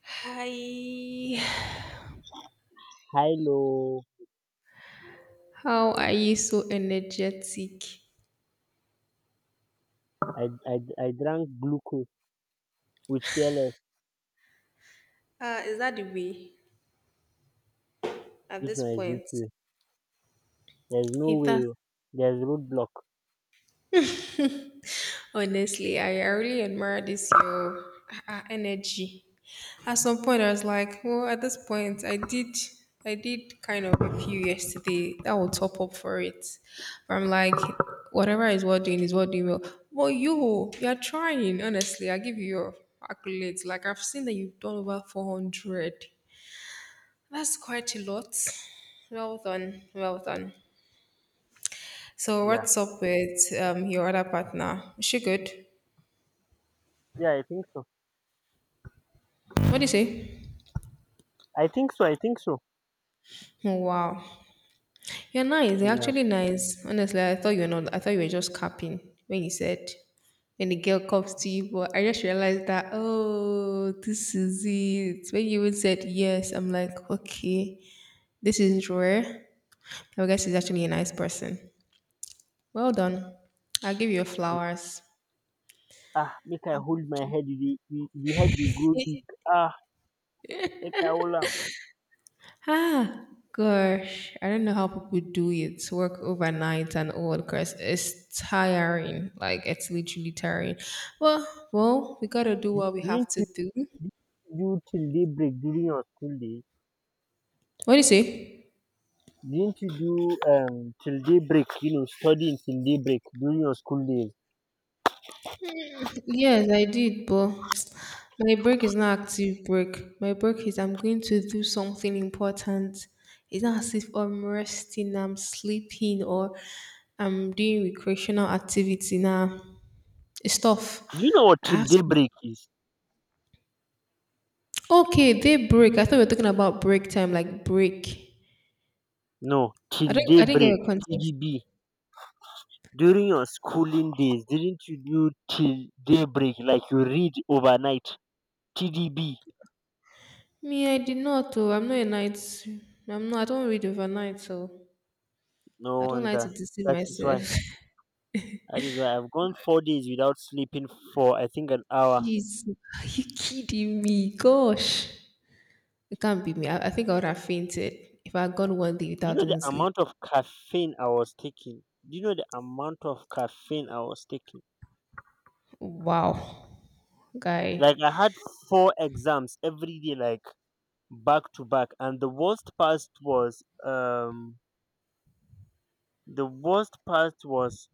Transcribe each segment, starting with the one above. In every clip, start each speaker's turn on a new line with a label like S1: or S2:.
S1: Hi.
S2: Hilo,
S1: How are you so energetic?
S2: I drank glucose with fearless.
S1: Is that the way at
S2: This
S1: this
S2: one is this
S1: point?
S2: way. There's no
S1: If that's
S2: way. Oh. There's roadblock.
S1: honestly, I really admire this your energy. At some point, I was like, well, at this point, I did kind of a few yesterday. That will top up for it. But I'm like, whatever is what doing well. Well, you're trying. Honestly, I give you your accolades. Like I've seen that you've done over 400. That's quite a lot. Well done, well done. So,
S2: Yeah.
S1: what's up with your other partner? Is she good?
S2: Yeah, I think so.
S1: What do you say?
S2: I think so. I think so.
S1: Oh, wow, you're nice. You're
S2: Yeah.
S1: actually nice. Honestly, I thought you were not. I thought you were just capping when you said when the girl comes to you. But I just realized that oh, this is it. When you even said yes, I'm like okay, this is rare. I guess she's actually a nice person. Well done. I'll give you your
S2: Mm.
S1: flowers.
S2: Ah, make I hold my head. The head, they grow big. Ah, make I hold up.
S1: Ah, gosh, I don't know how people do it. Work overnight and all because it's tiring. Like it's literally tiring. Well, well, we gotta do
S2: Didn't
S1: what we
S2: you,
S1: have to
S2: didn't
S1: do.
S2: you do till daybreak during your school days?
S1: What do you say?
S2: Didn't you do till daybreak? You know, studying till daybreak during your school days.
S1: Yes, I did, but my break is not active break. My break is I'm going to do something important. It's not as if I'm resting, I'm sleeping, or I'm doing recreational activity now. It's tough.
S2: Do you know what
S1: I
S2: till
S1: have to.
S2: daybreak is?
S1: Okay, they break. I thought we were talking about break time, like break.
S2: No, till
S1: I didn't get
S2: daybreak.
S1: your context.
S2: TDB. During your schooling days, didn't you do till daybreak, like you read overnight? TDB.
S1: Me, I did not oh, I don't read overnight, so
S2: No
S1: I don't like to
S2: wonder.
S1: deceive
S2: that is why
S1: myself.
S2: that is why I've gone 4 days without sleeping for, I think, an hour.
S1: Jeez, are you kidding me? Gosh. It can't be me. I think I would have fainted if I had gone one day
S2: You
S1: without
S2: know the
S1: even sleep.
S2: amount of caffeine I was taking? Do you know the amount of caffeine I was taking?
S1: Wow.
S2: Like,
S1: Guy.
S2: I had four exams every day, like, back to back. And the worst part was,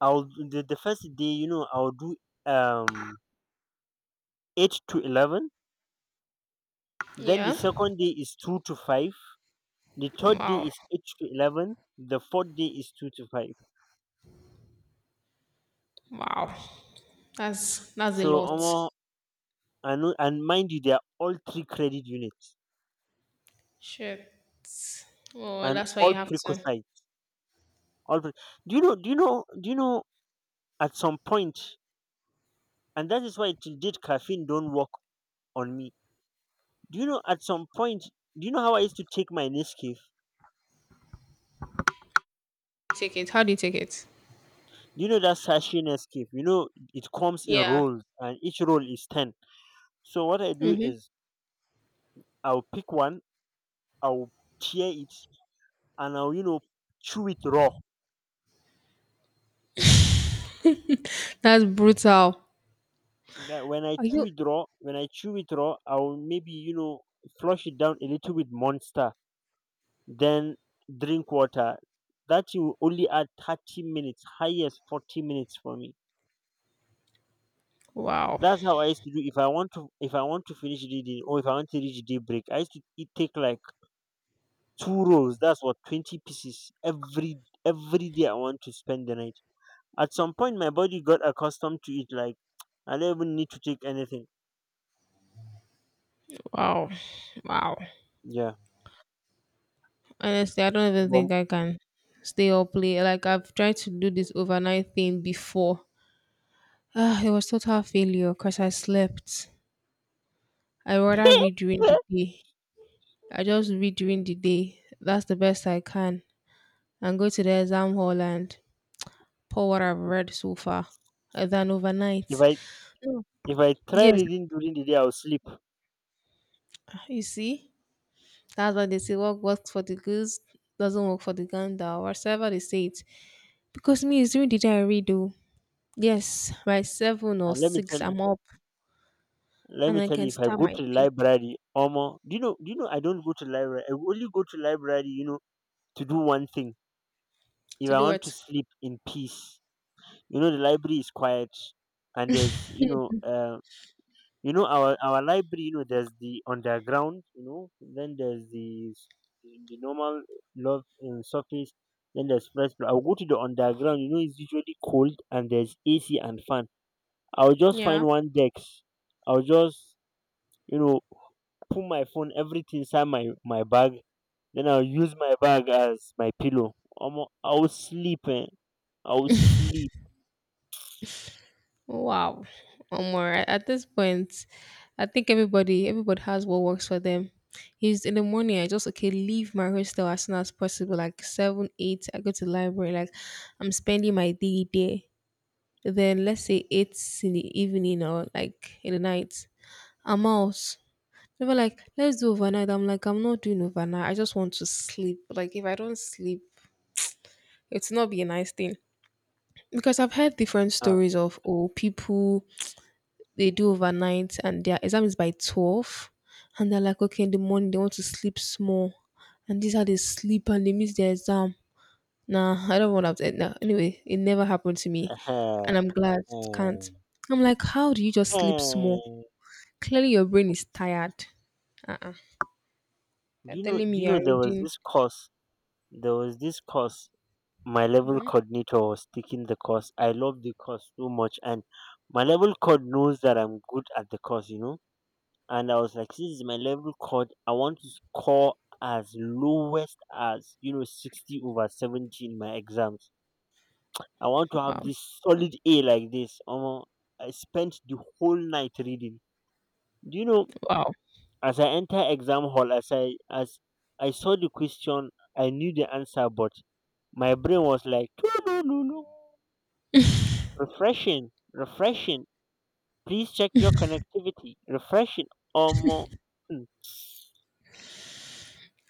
S2: the first day, I'll do um 8 to 11, then the
S1: Yeah.
S2: second day is 2 to 5, the third day
S1: Wow.
S2: is 8 to 11, the fourth day is 2 to 5.
S1: Wow. That's a
S2: So
S1: lot.
S2: almost. And and mind you, they are all three credit units.
S1: Shit. Oh,
S2: And
S1: that's why you
S2: all
S1: have to.
S2: precocites, all pre- do you know do you know do you know at some point. And that is why, till date, caffeine don't work on me. Do you know, at some point, do you know how I used to take my nescafe?
S1: Take it? How do you take it?
S2: Do you know that sachet nescafe? It comes in
S1: Yeah.
S2: rolls, and each roll is 10. So what I do
S1: Hmm.
S2: is, I'll pick one, I'll tear it, and I'll, chew it raw.
S1: That's brutal.
S2: Like, when I
S1: Are
S2: chew
S1: you?
S2: it raw, I'll maybe, flush it down a little with monster, then drink water. That will only add 30 minutes, highest 40 minutes for me.
S1: Wow,
S2: That's how I used to do. If I want to, finish reading, or if I want to reach daybreak, I used to it take like two rolls, that's what 20 pieces every day I want to spend the night. At some point, my body got accustomed to it. Like, I don't even need to take anything.
S1: wow, wow.
S2: Yeah,
S1: Honestly, I don't even
S2: but
S1: think I can stay up late. Like I've tried to do this overnight thing before. Ah, it was total failure because I slept. I rather read during the day. I just read during the day. That's the best I can. And go to the exam hall and pour what I've read so far. Than
S2: if
S1: overnight.
S2: I
S1: No.
S2: if I try
S1: Yes,
S2: reading during the day, I'll sleep.
S1: you see. That's why they say what works for the goose doesn't work for the gander, or whatever they say it. Because me, it's during the day I read, oh, yes, by seven or
S2: And let me
S1: six,
S2: tell you,
S1: I'm up
S2: let
S1: and
S2: me
S1: I
S2: tell you,
S1: can
S2: if I
S1: start
S2: go
S1: my
S2: to the
S1: day
S2: library, Omo, do you know? Do you know? I don't go to library. I only go to library, to do one thing. If
S1: to
S2: I
S1: do
S2: want to
S1: it.
S2: sleep in peace, the library is quiet, and there's, you know our library, there's the underground, then there's the normal love, surface, then there's first floor. I'll go to the underground, it's usually cold and there's AC and fan. I'll just
S1: Yeah.
S2: find one desk, I'll just, you know put my phone, everything, inside my bag, then I'll use my bag as my pillow. Omo, I'll sleep eh. I'll sleep.
S1: Wow. One more. At this point, I think everybody has what works for them. Is in the morning, I just okay leave my hostel as soon as possible, like seven, eight. I go to the library, like I'm spending my day there. Then let's say eight in the evening or like in the night. A mouse. They were like, let's do overnight. I'm like, I'm not doing overnight. I just want to sleep. Like, if I don't sleep, it's not be a nice thing. Because I've heard different
S2: Ah,
S1: stories of oh, people they do overnight and their exam is by 12, and they're like, okay, in the morning they want to sleep small, and these are they sleep and they miss their exam. Nah, I don't want to. Nah. Anyway, it never happened to me,
S2: eh,
S1: and I'm glad it
S2: eh,
S1: can't. I'm like, how do you just sleep small?
S2: eh.
S1: Clearly, your brain is tired. Uh. uh
S2: do
S1: You're
S2: you know
S1: telling
S2: do
S1: me
S2: you
S1: you're
S2: know
S1: reading.
S2: there was this course, my level
S1: Mhm.
S2: coordinator was taking the course. I love the course so much, and my level code knows that I'm good at the course, you know, And I was like, this is my level code, I want to score as lowest as, 60 over 70 in my exams. I want to have
S1: Wow.
S2: this solid A, like this, I spent the whole night reading. Do you know,
S1: Wow.
S2: as I enter exam hall, as I saw the question, I knew the answer, but my brain was like, "Toodaloo, refreshing, refreshing. Please check your connectivity. Refreshing." Omo. hmm,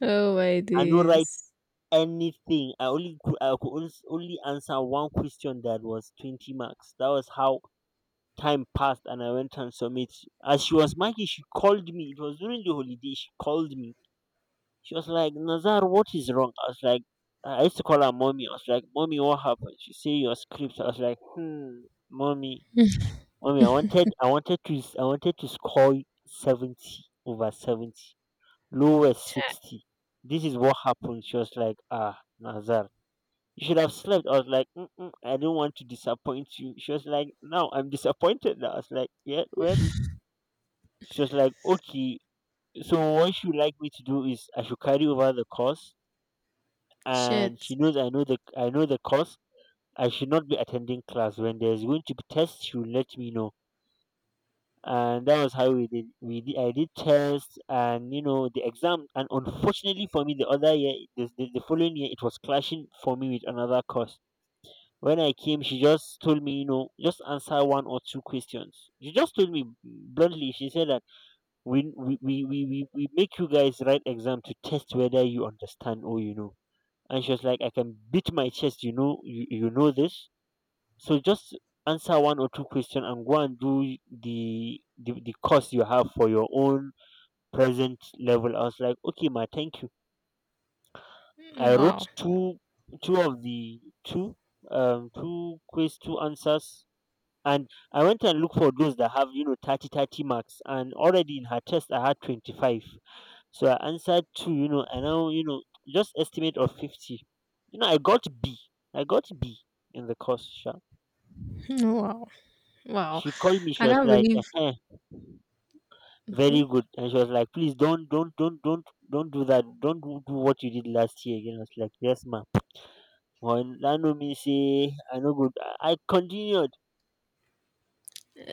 S1: Oh my
S2: I no write
S1: days.
S2: anything. I only I could only answer one question, that was 20 marks. That was how time passed, and I went and submit. As she was marking, she called me. It was during the holiday. She called me. She was like, "Nazar, what is wrong?" I was like, I used to call her mommy. I was like, "Mommy, what happened?" She said, "Your script." I was like, "Hmm, mommy, I wanted, I wanted to score 70 over 70. Lowest
S1: Chai.
S2: 60" This is what happened. She was like, "Ah, Nazar, you should have slept." I was like, "Mm-mm, I don't want to disappoint you." She was like, "Now I'm disappointed." Now I was like, "Yeah, well." She was like, "Okay, so what you like me to do is I should carry over the course," and she
S1: Shit.
S2: knows I know I know the course. I should not be attending class when there's going to be tests. She will let me know. And that was how we did, I did tests, and, the exam. And unfortunately for me the other year, the following year, it was clashing for me with another course. When I came, she just told me, just answer one or two questions. She just told me bluntly, she said that, we make you guys write exam to test whether you understand or you know. And she was like, I can beat my chest, you know this. So just answer one or two questions and go and do the course you have for your own present level. I was like, okay, ma, thank you. I
S1: Wow.
S2: wrote two, two of the two two quiz two answers, and I went and looked for those that have, thirty marks, and already in her test I had 25. So I answered two, and now, just estimate of 50, you know I got B I got B in the course sha.
S1: Wow. Wow.
S2: She called me. She
S1: I
S2: was
S1: can't
S2: like,
S1: believe
S2: "Ehen, very
S1: okay.
S2: good." And she was like, "Please don't do that. Don't do, what you did last year again." I was like, "Yes, ma'am." When that, know me say I know good, I continued.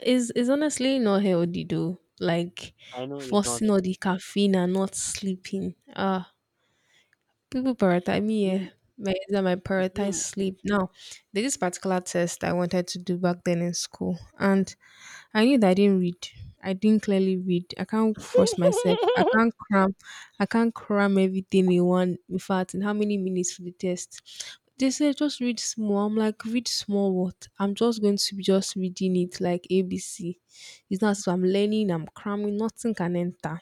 S1: Is honestly not healthy though. Like
S2: I know it's not.
S1: forcing all the caffeine and not sleeping. Ah people prioritize me. Yeah,
S2: You
S1: my exam, I prioritize
S2: you
S1: sleep. Now, there's this particular test I wanted to do back then in school, and I knew that I didn't read. I didn't clearly read. I can't force myself. I can't cram. I can't cram everything in one. In fact, in how many minutes for the test? They said just read small. I'm like read small. What? I'm just going to be just reading it like ABC. It's not so. I'm learning. I'm cramming. Nothing can enter.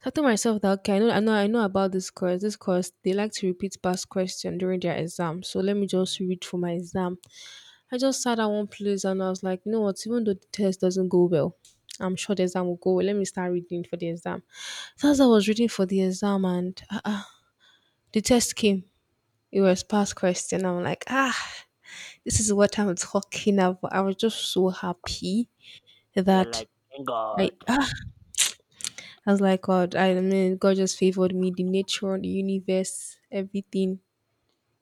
S1: So I told myself that okay, I know about this course. This course, they like to repeat past question during their exam. So let me just read for my exam. I just sat at one place and I was like, you know what? Even though the test doesn't go well, I'm sure the exam will go well. Let me start reading for the exam. So as I was reading for the exam, and the test came. It was past question. I'm like, ah, this is what I'm talking about. I was just so happy
S2: you're
S1: that
S2: like, "Thank
S1: I
S2: God."
S1: ah, I was like, God, I mean, God just favored me. The nature, the universe, everything,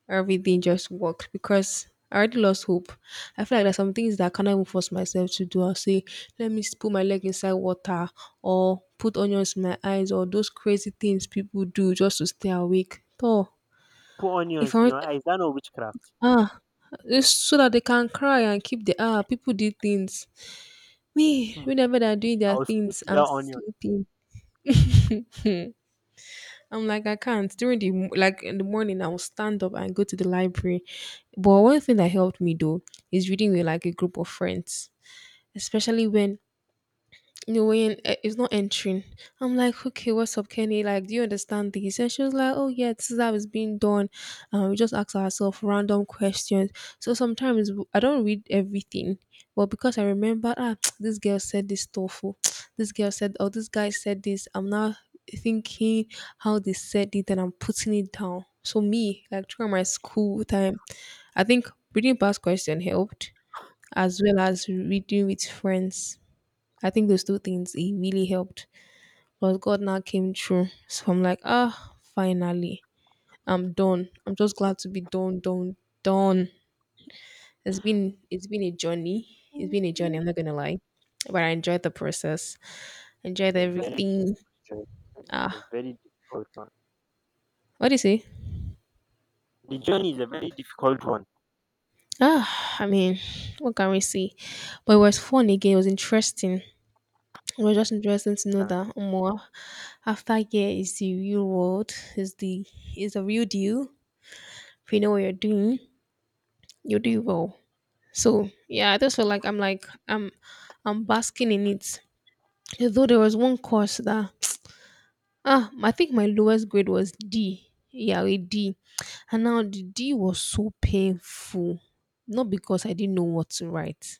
S1: everything just worked because I already lost hope. I feel like there's some things that I cannot even force myself to do. I'll say, let me put my leg inside water or put onions in my eyes or those crazy things people do just to stay awake. So
S2: Put
S1: if I
S2: onions in your
S1: want-
S2: eyes? That no witchcraft.
S1: ah, it's so that they can cry and keep the ah, people did things. Me,
S2: Hmm.
S1: whenever they're doing their
S2: I'll sleep
S1: things, I'm
S2: without onions.
S1: sleeping. I'm like, I can't. Like in the morning, I will stand up and go to the library. But one thing that helped me though is reading with like a group of friends, especially when no way eh, it's not entering. I'm like, okay, what's up, Kenny? Like, do you understand this? And she was like, oh yeah, this is how it's being done. And we just ask ourselves random questions. So sometimes I don't read everything, but because I remember, ah, this girl said this stuff. Oh, this girl said, oh, this guy said this. I'm now thinking how they said it, and I'm putting it down. So me, like during my school time, I think reading past question helped, as well as reading with friends. I think those two things it really helped. But God now came through. So I'm like, ah, finally. I'm done. I'm just glad to be done, done, done. It's been a journey. It's been a
S2: a
S1: journey, I'm not gonna lie. But I enjoyed the process. Enjoyed
S2: very
S1: everything.
S2: difficult a
S1: Ah.
S2: very difficult one.
S1: What do you say?
S2: The journey is a very difficult one.
S1: Ah, I mean, what can we say? But it was fun again, it was interesting. It was just interesting to know
S2: Yeah.
S1: that more after year is the real world, is the real deal. If you know what you're doing, you do well. So yeah, I just feel like I'm basking in it. Though there was one course that ah I think my lowest grade was D. Yeah, a D. And now the D was so painful. Not because I didn't know what to write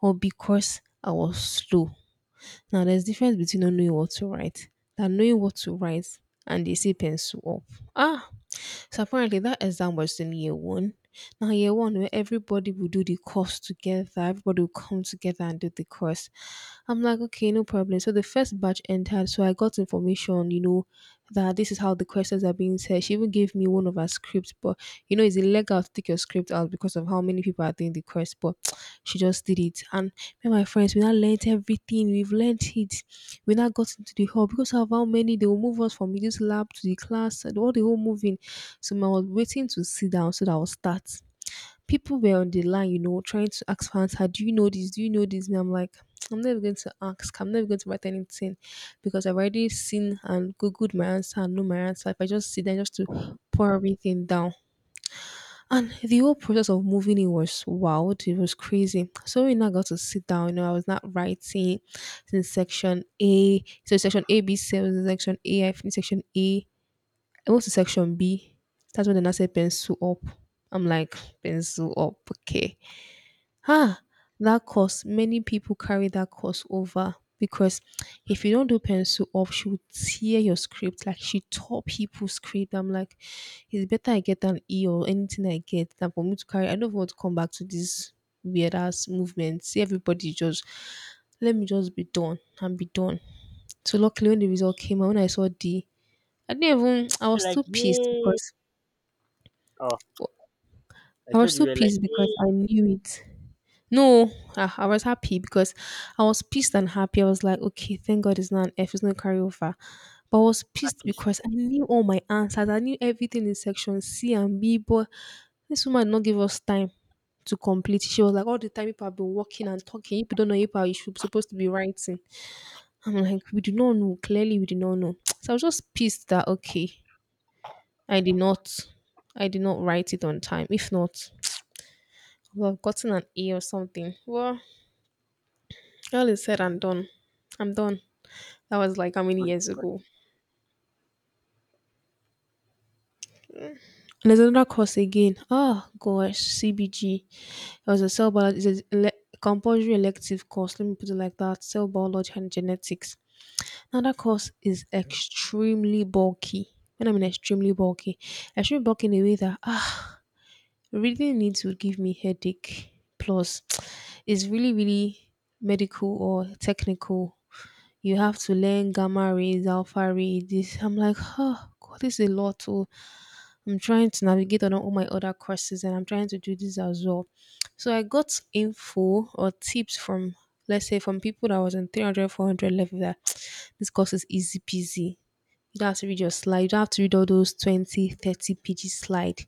S1: or because I was slow. Now there's difference between not knowing what to write than knowing what to write and they say pencil up. Ah so apparently that exam was in year one. Now year one where everybody will do the course together, everybody will come together and do the course. I'm like, okay, no problem. So the first batch entered, so I got information, you know, that this is how the questions are being said. She even gave me one of her scripts, but you know, it's illegal to take your script out because of how many people are doing the course, but she just did it. And me and my friends, we now learnt everything, we've learnt it. We now got into the hall because of how many they will move us from this lab to the class and all the whole moving so I was waiting to sit down so that I'll start. People were on the line, you know, trying to ask fans, how do you know this? Do you know this? And I'm like, I'm never going to ask. I'm never going to write anything because I've already seen and Googled my answer and know my answer. If I just sit there just to pour everything down. And the whole process of moving in was wild. It was crazy. So when I got to sit down, you know, I was not writing in section A. So section A, B, C, I was in section A, I finished section A. I went to section B. That's when the nurse said pencil up. I'm like, pencil up, okay. Ah, that course, many people carry that course over because if you don't do pencil up, she will tear your script. Like she tore people's script. I'm like, it's better I get an E or anything I get than for me to carry. I don't want to come back to this weird ass movement. See everybody just let me just be done and be done. So luckily when the result came out, when I saw D, I didn't even.
S2: You're like, "Yay." Oh, I
S1: I was
S2: told you.
S1: too
S2: We're like,
S1: pissed because
S2: "Yay."
S1: I knew it. No, I was happy because I was pissed and happy. I was like, okay, thank God it's not an F, it's not a carryover. But I was pissed
S2: Happiest.
S1: because I knew all my answers. I knew everything in section C and B, but this woman did not give us time to complete. She was like, all the time people have been working and talking. If you don't know paper, you should supposed to be writing. I'm like, we do not know. Clearly, we do not know. So I was just pissed that okay. I did not. I did not write it on time. If not, I would have gotten an A or something. Well, all is said and done. I'm done. That was like how many years
S2: But
S1: ago. And there's another course again. Oh gosh, CBG. It was a cell biology. It's a compulsory elective course. Let me put it like that. Cell biology and genetics. Now that course is extremely bulky. When I mean extremely bulky in a way that reading it would give me headache plus it's really really medical or technical. You have to learn gamma rays, alpha rays, this. I'm like, oh god, this is a lot. Oh I'm trying to navigate on all my other courses, and I'm trying to do this as well. So I got info or tips from, let's say, from people that was in 300, 400 level that this course is easy peasy. You don't have to read your slide, you don't have to read all those 20, thirty 30 slide.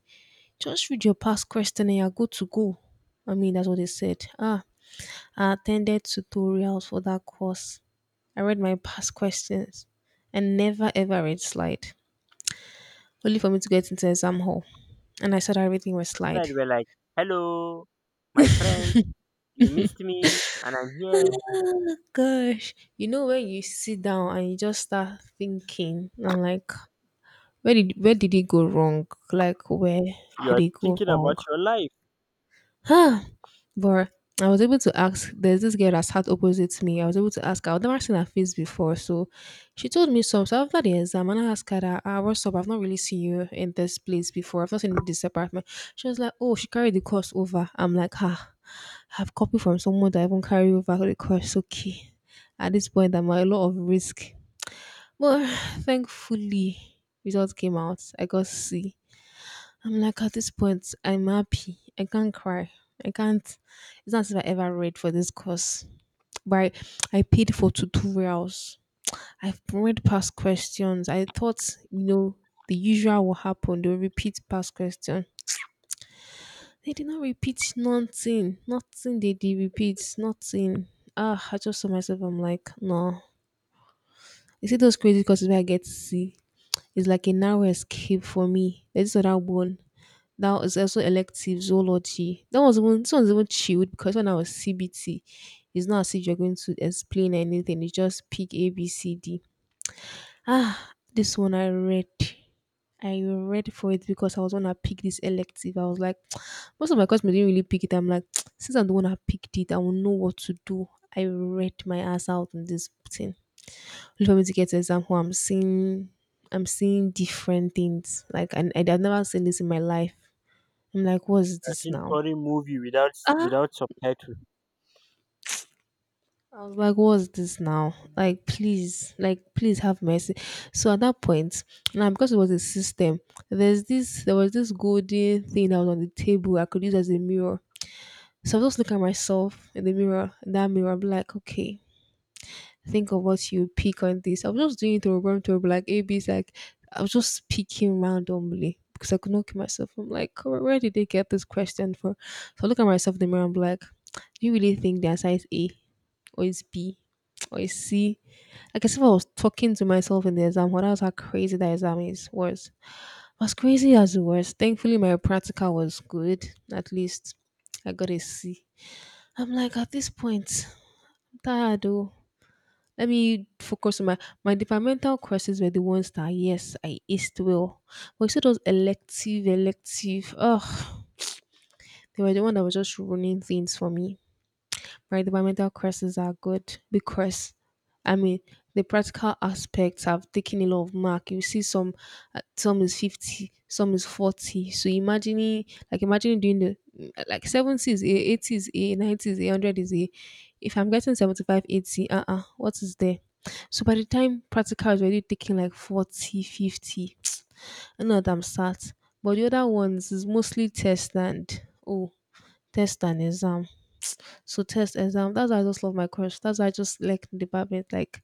S1: Just read your past question and you're good to go. I mean, that's what they said. I attended tutorials for that course. I read my past questions and never ever read slide, only for me to get into exam hall. And I started everything was slide.
S2: replied were like, "Hello, my friend, you missed me and I'm here."
S1: Oh gosh. You know when you sit down and you just start thinking and like where did it go wrong? Like where did
S2: You're
S1: it go
S2: thinking
S1: wrong?
S2: about your life.
S1: Huh, but I was able to ask. There's this girl that sat opposite to me. I was able to ask her. I've never seen her face before, so she told me some. So after the exam, and I asked her, that, "Ah, what's up? I've not really seen you in this place before. I've not seen you in this apartment." She was like, "Oh, she carried the course over." I'm like, "Ha, I've copied from someone that I even carry over the course." Okay, at this point, I'm at a lot of risk, but thankfully, results came out. I got C. I'm like at this point, I'm happy. I can't cry. I can't. It's not as if I ever read for this course. But I paid for tutorials. I've read past questions. I thought, the usual will happen. They'll repeat past question. They did not repeat nothing. Nothing they did repeat. Nothing. I just saw myself. I'm like, no. You see those crazy courses where I get to see? It's like a narrow escape for me. There's this other one. Now it's also elective zoology. That was even this one's even chilled because when I was CBT, it's not as if you're going to explain anything. It's just pick A B C D. This one I read. I read for it because I was one that picked this elective. I was like, most of my classmates didn't really pick it. I'm like, since I'm the one that picked it, I will know what to do. I read my ass out on this thing. Look for me to get an example. I'm seeing different things. Like, and I've never seen this in my life. I'm like, what's
S2: A
S1: this
S2: seen
S1: now?
S2: foreign movie without,
S1: Ah,
S2: subtitle.
S1: I was like, what's this now? Like, please have mercy. So at that point, now because it was a system, there was this golden thing that was on the table I could use as a mirror. So I was just looking at myself in the mirror, in that mirror, I'm like, okay, think of what you pick on this. I was just doing it over to like A B's like I was just picking randomly because I could not keep myself. I'm like, where did they get this question for? So I look at myself in the mirror and be like, do you really think the answer is A or is B or is C? Like as if I was talking to myself in the exam, what else how crazy that exam is was. Was crazy as it was. Thankfully my practical was good. At least I got a C. I'm like at this point, I'm tired though. Let me focus on my departmental courses were the ones that yes, I aced well. But you see those elective, they were the one that was just ruining things for me, right? Departmental courses are good because, I mean, the practical aspects have taken a lot of mark. You see, some is 50, some is 40. So imagining, like imagining doing the like 70 is A, 80 is A, 90 is A, 100 is A. If I'm getting 75, 80, 80, what is there? So by the time practical is already taking like 40, 50, 50, I know that I'm sad. But the other ones is mostly test and test and exam. So test exam. That's why I just love my course. That's why I just like the department. Like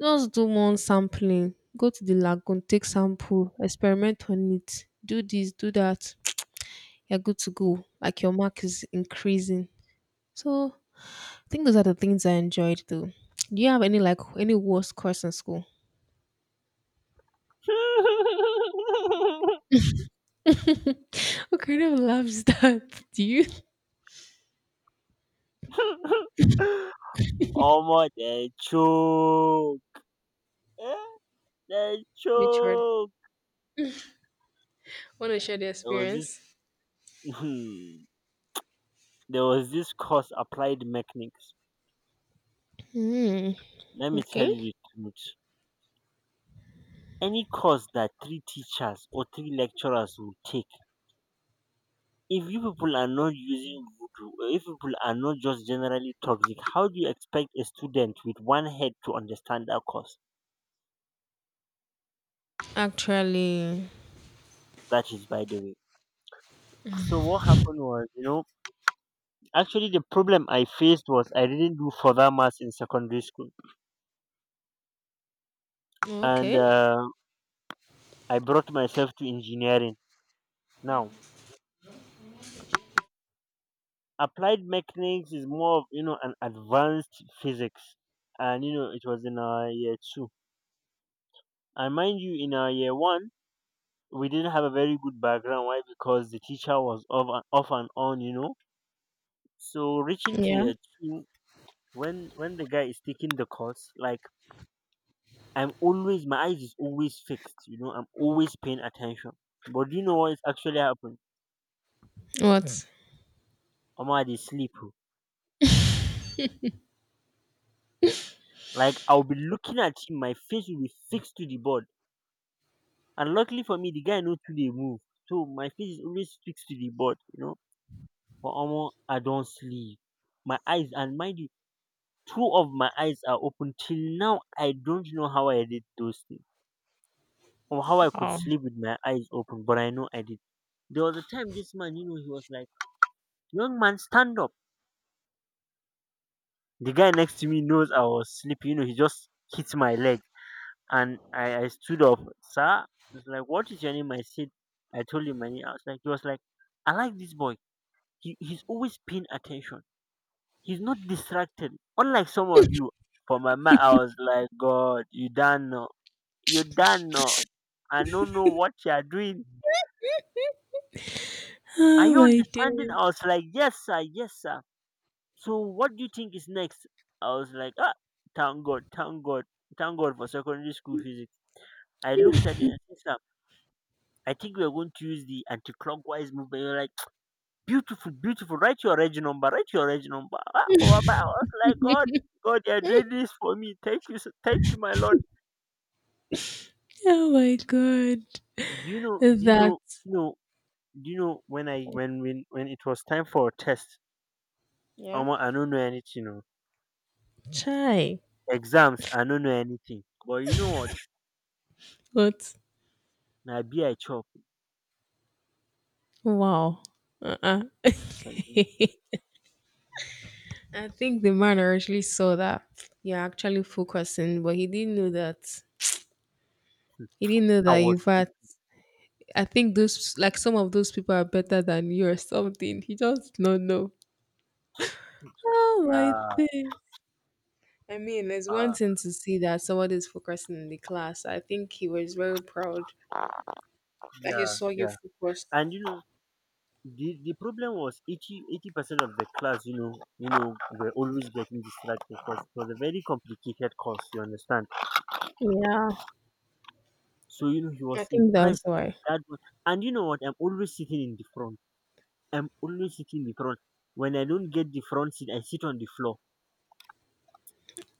S1: just do one sampling. Go to the lagoon, take sample, experiment on it, do this, do that. You're good to go. Like your mark is increasing. So I think those are the things I enjoyed though. Do you have any like any worst course in school? What kind of love is that? Do you?
S2: Almost they choke. Eh, they
S1: Which one?
S2: choke.
S1: Want to share the
S2: There was this
S1: experience?
S2: there was this course applied mechanics.
S1: Hmm.
S2: Let me tell
S1: Okay.
S2: you the truth. Any course that three teachers or three lecturers will take, if you people are not using voodoo, or if people are not just generally toxic, how do you expect a student with one head to understand that course?
S1: Actually.
S2: That is by the way. So what happened was, actually the problem I faced was I didn't do further maths in secondary school, and
S1: Okay.
S2: I brought myself to engineering. Now, applied mechanics is more of, an advanced physics, and you know it was in our year 2. And mind you, in our year 1, we didn't have a very good background. Why? Because the teacher was off and off and on. So reaching to
S1: Yeah.
S2: year 2, when the guy is taking the course, like, I'm always, my eyes is always fixed. I'm always paying attention. But do you know what is actually happening?
S1: What?
S2: Omar, they sleep. Oh. Like, I'll be looking at him, my face will be fixed to the board. And luckily for me, the guy knows to they move. So my face is always fixed to the board. But Omar, I don't sleep. My eyes, and mind you, two of my eyes are open till now. I don't know how I did those things, or how I could sleep with my eyes open, but I know I did. There was a time this man, he was like, "Young man, stand up." The guy next to me knows I was sleeping, he just hit my leg, and I stood up. Sir, he's like, "What is your name?" I said, I told him my name. I was like, he was like, "I like this boy. He's always paying attention. He's not distracted, unlike some of you." For my man, I was like, "God, you done know, you done know. I don't know what you are doing. Are
S1: Oh
S2: you
S1: my
S2: understanding?"
S1: day.
S2: I was like, "Yes, sir, yes, sir." "So what do you think is next?" I was like, "Ah, thank God, thank God, thank God for secondary school physics." I looked at it and said, sir, I think we are going to use the anti-clockwise movement. You're like, beautiful, beautiful. Write your reg number. Write your reg number. Ah, for a I was like, God, God, you are doing this for me. Thank you, sir. Thank you, my Lord.
S1: Oh my god.
S2: Do you know? Do you know?
S1: That's.
S2: You know? Do you know when I when it was time for a test?
S1: Yeah.
S2: Omo, I don't know anything. Oh.
S1: Chai.
S2: Exams, I don't know anything. But you know what?
S1: But.
S2: Na beer I chop.
S1: Wow. Uh-uh.
S2: Chale.
S1: I think the man originally saw that you're actually focusing, but he didn't know that. He didn't know
S2: I
S1: that,
S2: was
S1: in
S2: sleep.
S1: fact, I think those, like, some of those people are better than you or something. He just don't know. Oh my
S2: Ah,
S1: thing. I mean, it's one
S2: ah,
S1: thing to see that someone is focusing in the class. I think he was very proud that he
S2: yeah,
S1: saw you
S2: yeah.
S1: focus.
S2: And the problem was eighty percent of the class, were always getting distracted because it was a very complicated course. You understand?
S1: Yeah,
S2: So he
S1: I
S2: was
S1: think that's
S2: impressed.
S1: why.
S2: That was, and you know what? I'm always sitting in the front. I'm always sitting in the front. When I don't get the front seat, I sit on the floor.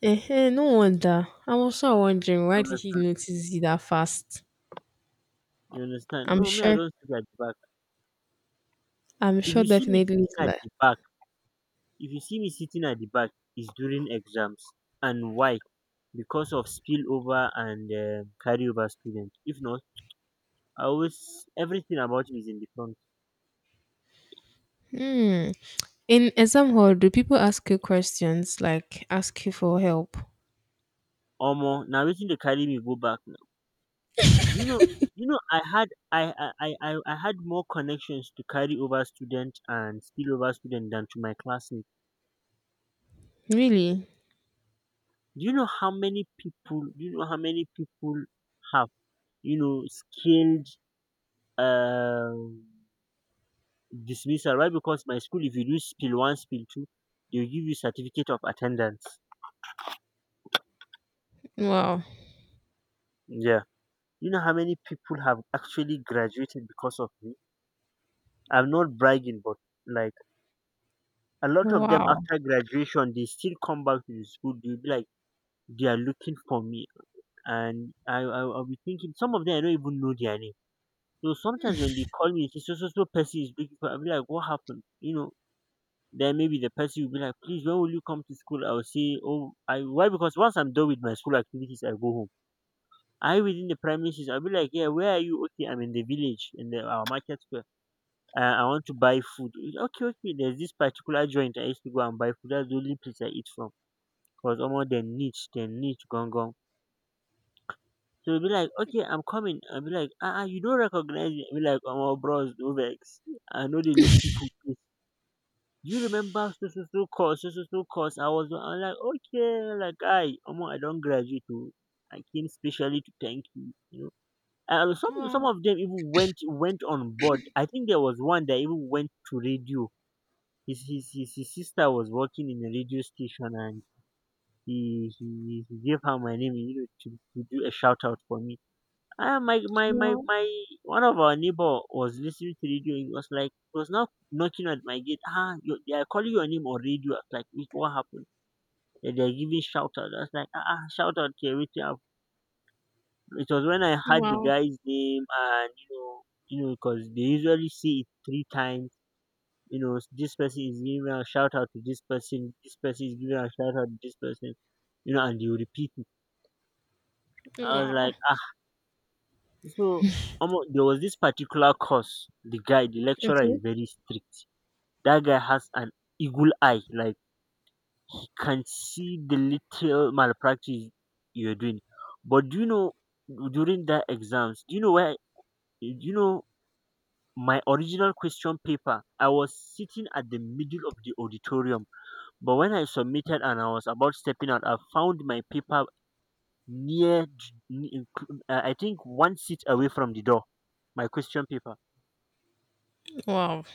S1: Eh, no wonder. I'm also wondering why
S2: You
S1: did he
S2: understand?
S1: notice it that fast?
S2: You understand?
S1: I'm
S2: No, me, I
S1: sure.
S2: don't sit at the back.
S1: I'm
S2: If
S1: sure
S2: you see me
S1: definitely it's
S2: sitting at
S1: like.
S2: the back, If you see me sitting at the back, it's during exams. And why? Because of spillover and carryover student. If not, I always everything about me is in the front.
S1: Hmm. In exam hall, do people ask you questions like ask you for help?
S2: Omo, now, wetin dey carry me go back now? You know, you know, I had I had more connections to carry over student and spillover student than to my classmates.
S1: Really?
S2: Do you know how many people have skilled? um Dismissal. Why? Because my school, if you do spill one, spill two, they'll give you certificate of attendance.
S1: Wow.
S2: Yeah. You know how many people have actually graduated because of me? I'm not bragging, but like a lot of them
S1: Wow.
S2: after graduation, they still come back to the school. They'll be like, they are looking for me. And I'll be thinking, some of them I don't even know their name. So sometimes when they call me, it's so, so, so person is looking for, I'll be like, what happened? Then maybe the person will be like, please, when will you come to school? I'll say, oh, I why? Because once I'm done with my school activities, I go home. I within the premises, I'll be like, yeah, where are you? Okay, I'm in the village in the our market square. I want to buy food. Okay, okay. There's this particular joint I used to go and buy food. That's the only place I eat from. Cause almost the niche gong gong. So it'll be like, okay, I'm coming. I'll be like, you don't recognize me. I'll be like, oh, my bros, no vex. I know they look people. Do you remember so so so course, so so so course? I'm like, okay, like I, almost I don't graduate too. I came specially to thank you. And some
S1: Wow.
S2: of them even went on board. I think there was one that even went to radio. His sister was working in a radio station, and he gave her my name, to do a shout out for me. Ah, my my my
S1: Wow.
S2: my One of our neighbor was listening to radio. He was now knocking at my gate. They are calling your name on radio. I was like, "Wait, what happened? They are giving shout out. I was like, shout out to everything. I've-" It was when I heard the
S1: Wow.
S2: guy's name, and because they usually see it three times. This person is giving a shout out to this person. This person is giving a shout out to this person. And they will repeat it. I was
S1: Wow.
S2: like, ah. So omo there was this particular course, the lecturer is
S1: Okay.
S2: very strict. That guy has an eagle eye, like he can see the little malpractice you're doing. But do you know during that exams, do you know where do you know my original question paper, I was sitting at the middle of the auditorium. But when I submitted and I was about stepping out, I found my paper near, I think, one seat away from the door, my question paper.
S1: Wow.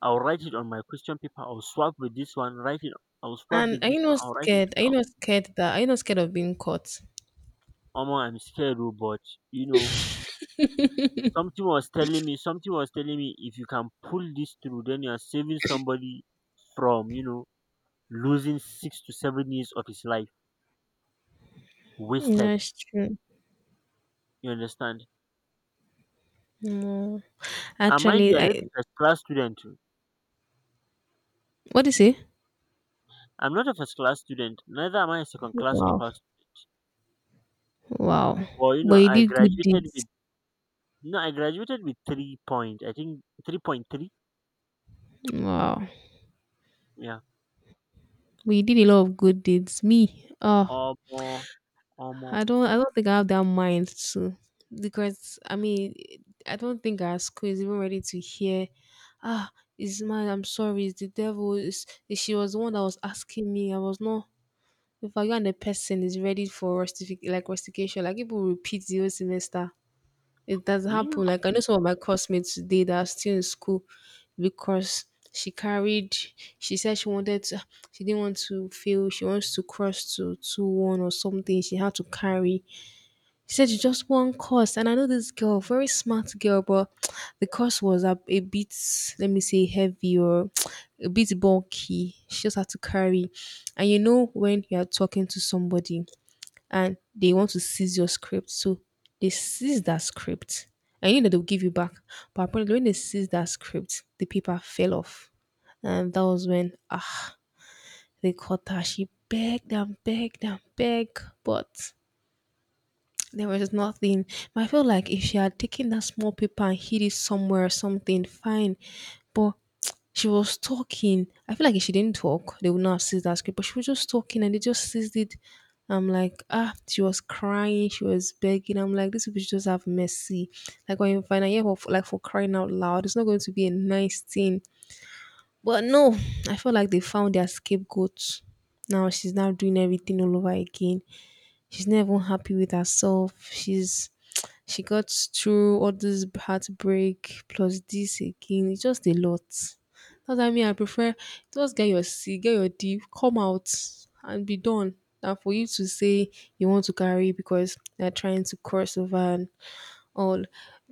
S2: I'll write it on my question paper. I'll swap with this one. Write it. I'll swap
S1: And
S2: with
S1: are you
S2: this one.
S1: not
S2: I'll write it.
S1: scared? Are you
S2: Out.
S1: not scared that are you not scared of being caught?
S2: Omo, I'm scared, oh, but you know, something was telling me. Something was telling me if you can pull this through, then you are saving somebody from losing 6 to 7 years of his life wasted.
S1: That's true.
S2: You understand?
S1: No.
S2: And mind
S1: Actually,
S2: you, I'm not
S1: I
S2: a first class student. Oh.
S1: what do you say?
S2: I'm not a first class student. Neither am I a second class or
S1: Wow.
S2: first.
S1: Wow.
S2: Well,
S1: But you
S2: I
S1: did good
S2: graduated
S1: deeds.
S2: with no, I graduated with 3.3.
S1: Wow.
S2: Yeah.
S1: But you did a lot of good deeds. Me, oh,
S2: Omo, omo,
S1: I don't think I have that mind to because I mean I don't think our school is even ready to hear ah, it's mine, I'm sorry, it's the devil. She was the one that was asking me. I was not if I and the person is ready for rustication, like people repeat the whole semester. It does
S2: do
S1: happen.
S2: you
S1: Like I know some of my classmates today that are still in school because she carried she said she wanted to she didn't want to fail, she wants to cross to 2:1 or something. She had to carry. She said it's just one course. And I know this girl, very smart girl, but the course was a bit, let me say heavy or a bit bulky. She just had to carry. And you know when you are talking to somebody and they want to seize your script. So they seize that script. And you know they'll give you back. But apparently when they seize that script, the paper fell off. And that was when they caught her. She begged and begged and begged. But there was nothing. But I feel like if she had taken that small paper and hid it somewhere or something, fine. But she was talking. I feel like if she didn't talk, they would not have seized that script. But she was just talking and they just seized it. I'm like, she was crying, she was begging. I'm like, this people should just have mercy. Like when you find out, yeah, for, like for crying out loud, it's not going to be a nice thing. But no, I feel like they found their scapegoat. Now she's now doing everything all over again. She's not even happy with herself. She's she got through all this heartbreak plus this again. It's just a lot. That's why me, I prefer just get your C, get your D, come out and be done. And for you to say you want to carry because you're trying to cross over and all.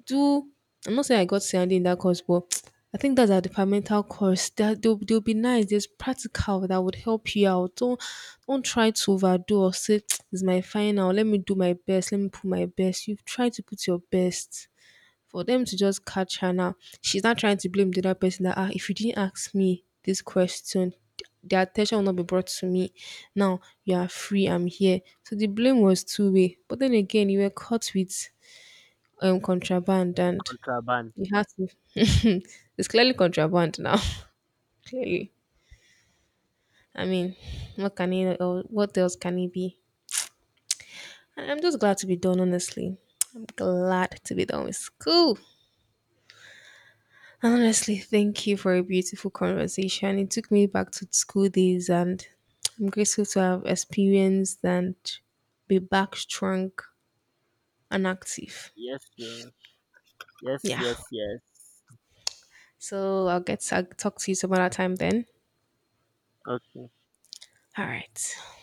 S1: Do I'm not saying I got CID in that course, but I think that's a departmental course. That they'll be nice. There's practical that would help you out. Don't try to overdo or say it's my final. Let me do my best. Let me put my best. You've tried to put your best. For them to just catch her now, she's not trying to blame the other person that if you didn't ask me this question, the attention will not be brought to me. Now you are free, I'm here. So the blame was two way. But then again, you were caught with contraband, and
S2: contraband?
S1: you have to it's clearly contraband now. Clearly, I mean, what else can it be. And I'm just glad to be done, honestly. I'm glad to be done with school. And honestly, thank you for a beautiful conversation. It took me back to school days, and I'm grateful to have experienced and be back strong and active.
S2: Yes o. Yes,
S1: Yeah,
S2: yes, yes.
S1: so I'll get to talk to you some other time then.
S2: Okay.
S1: All right.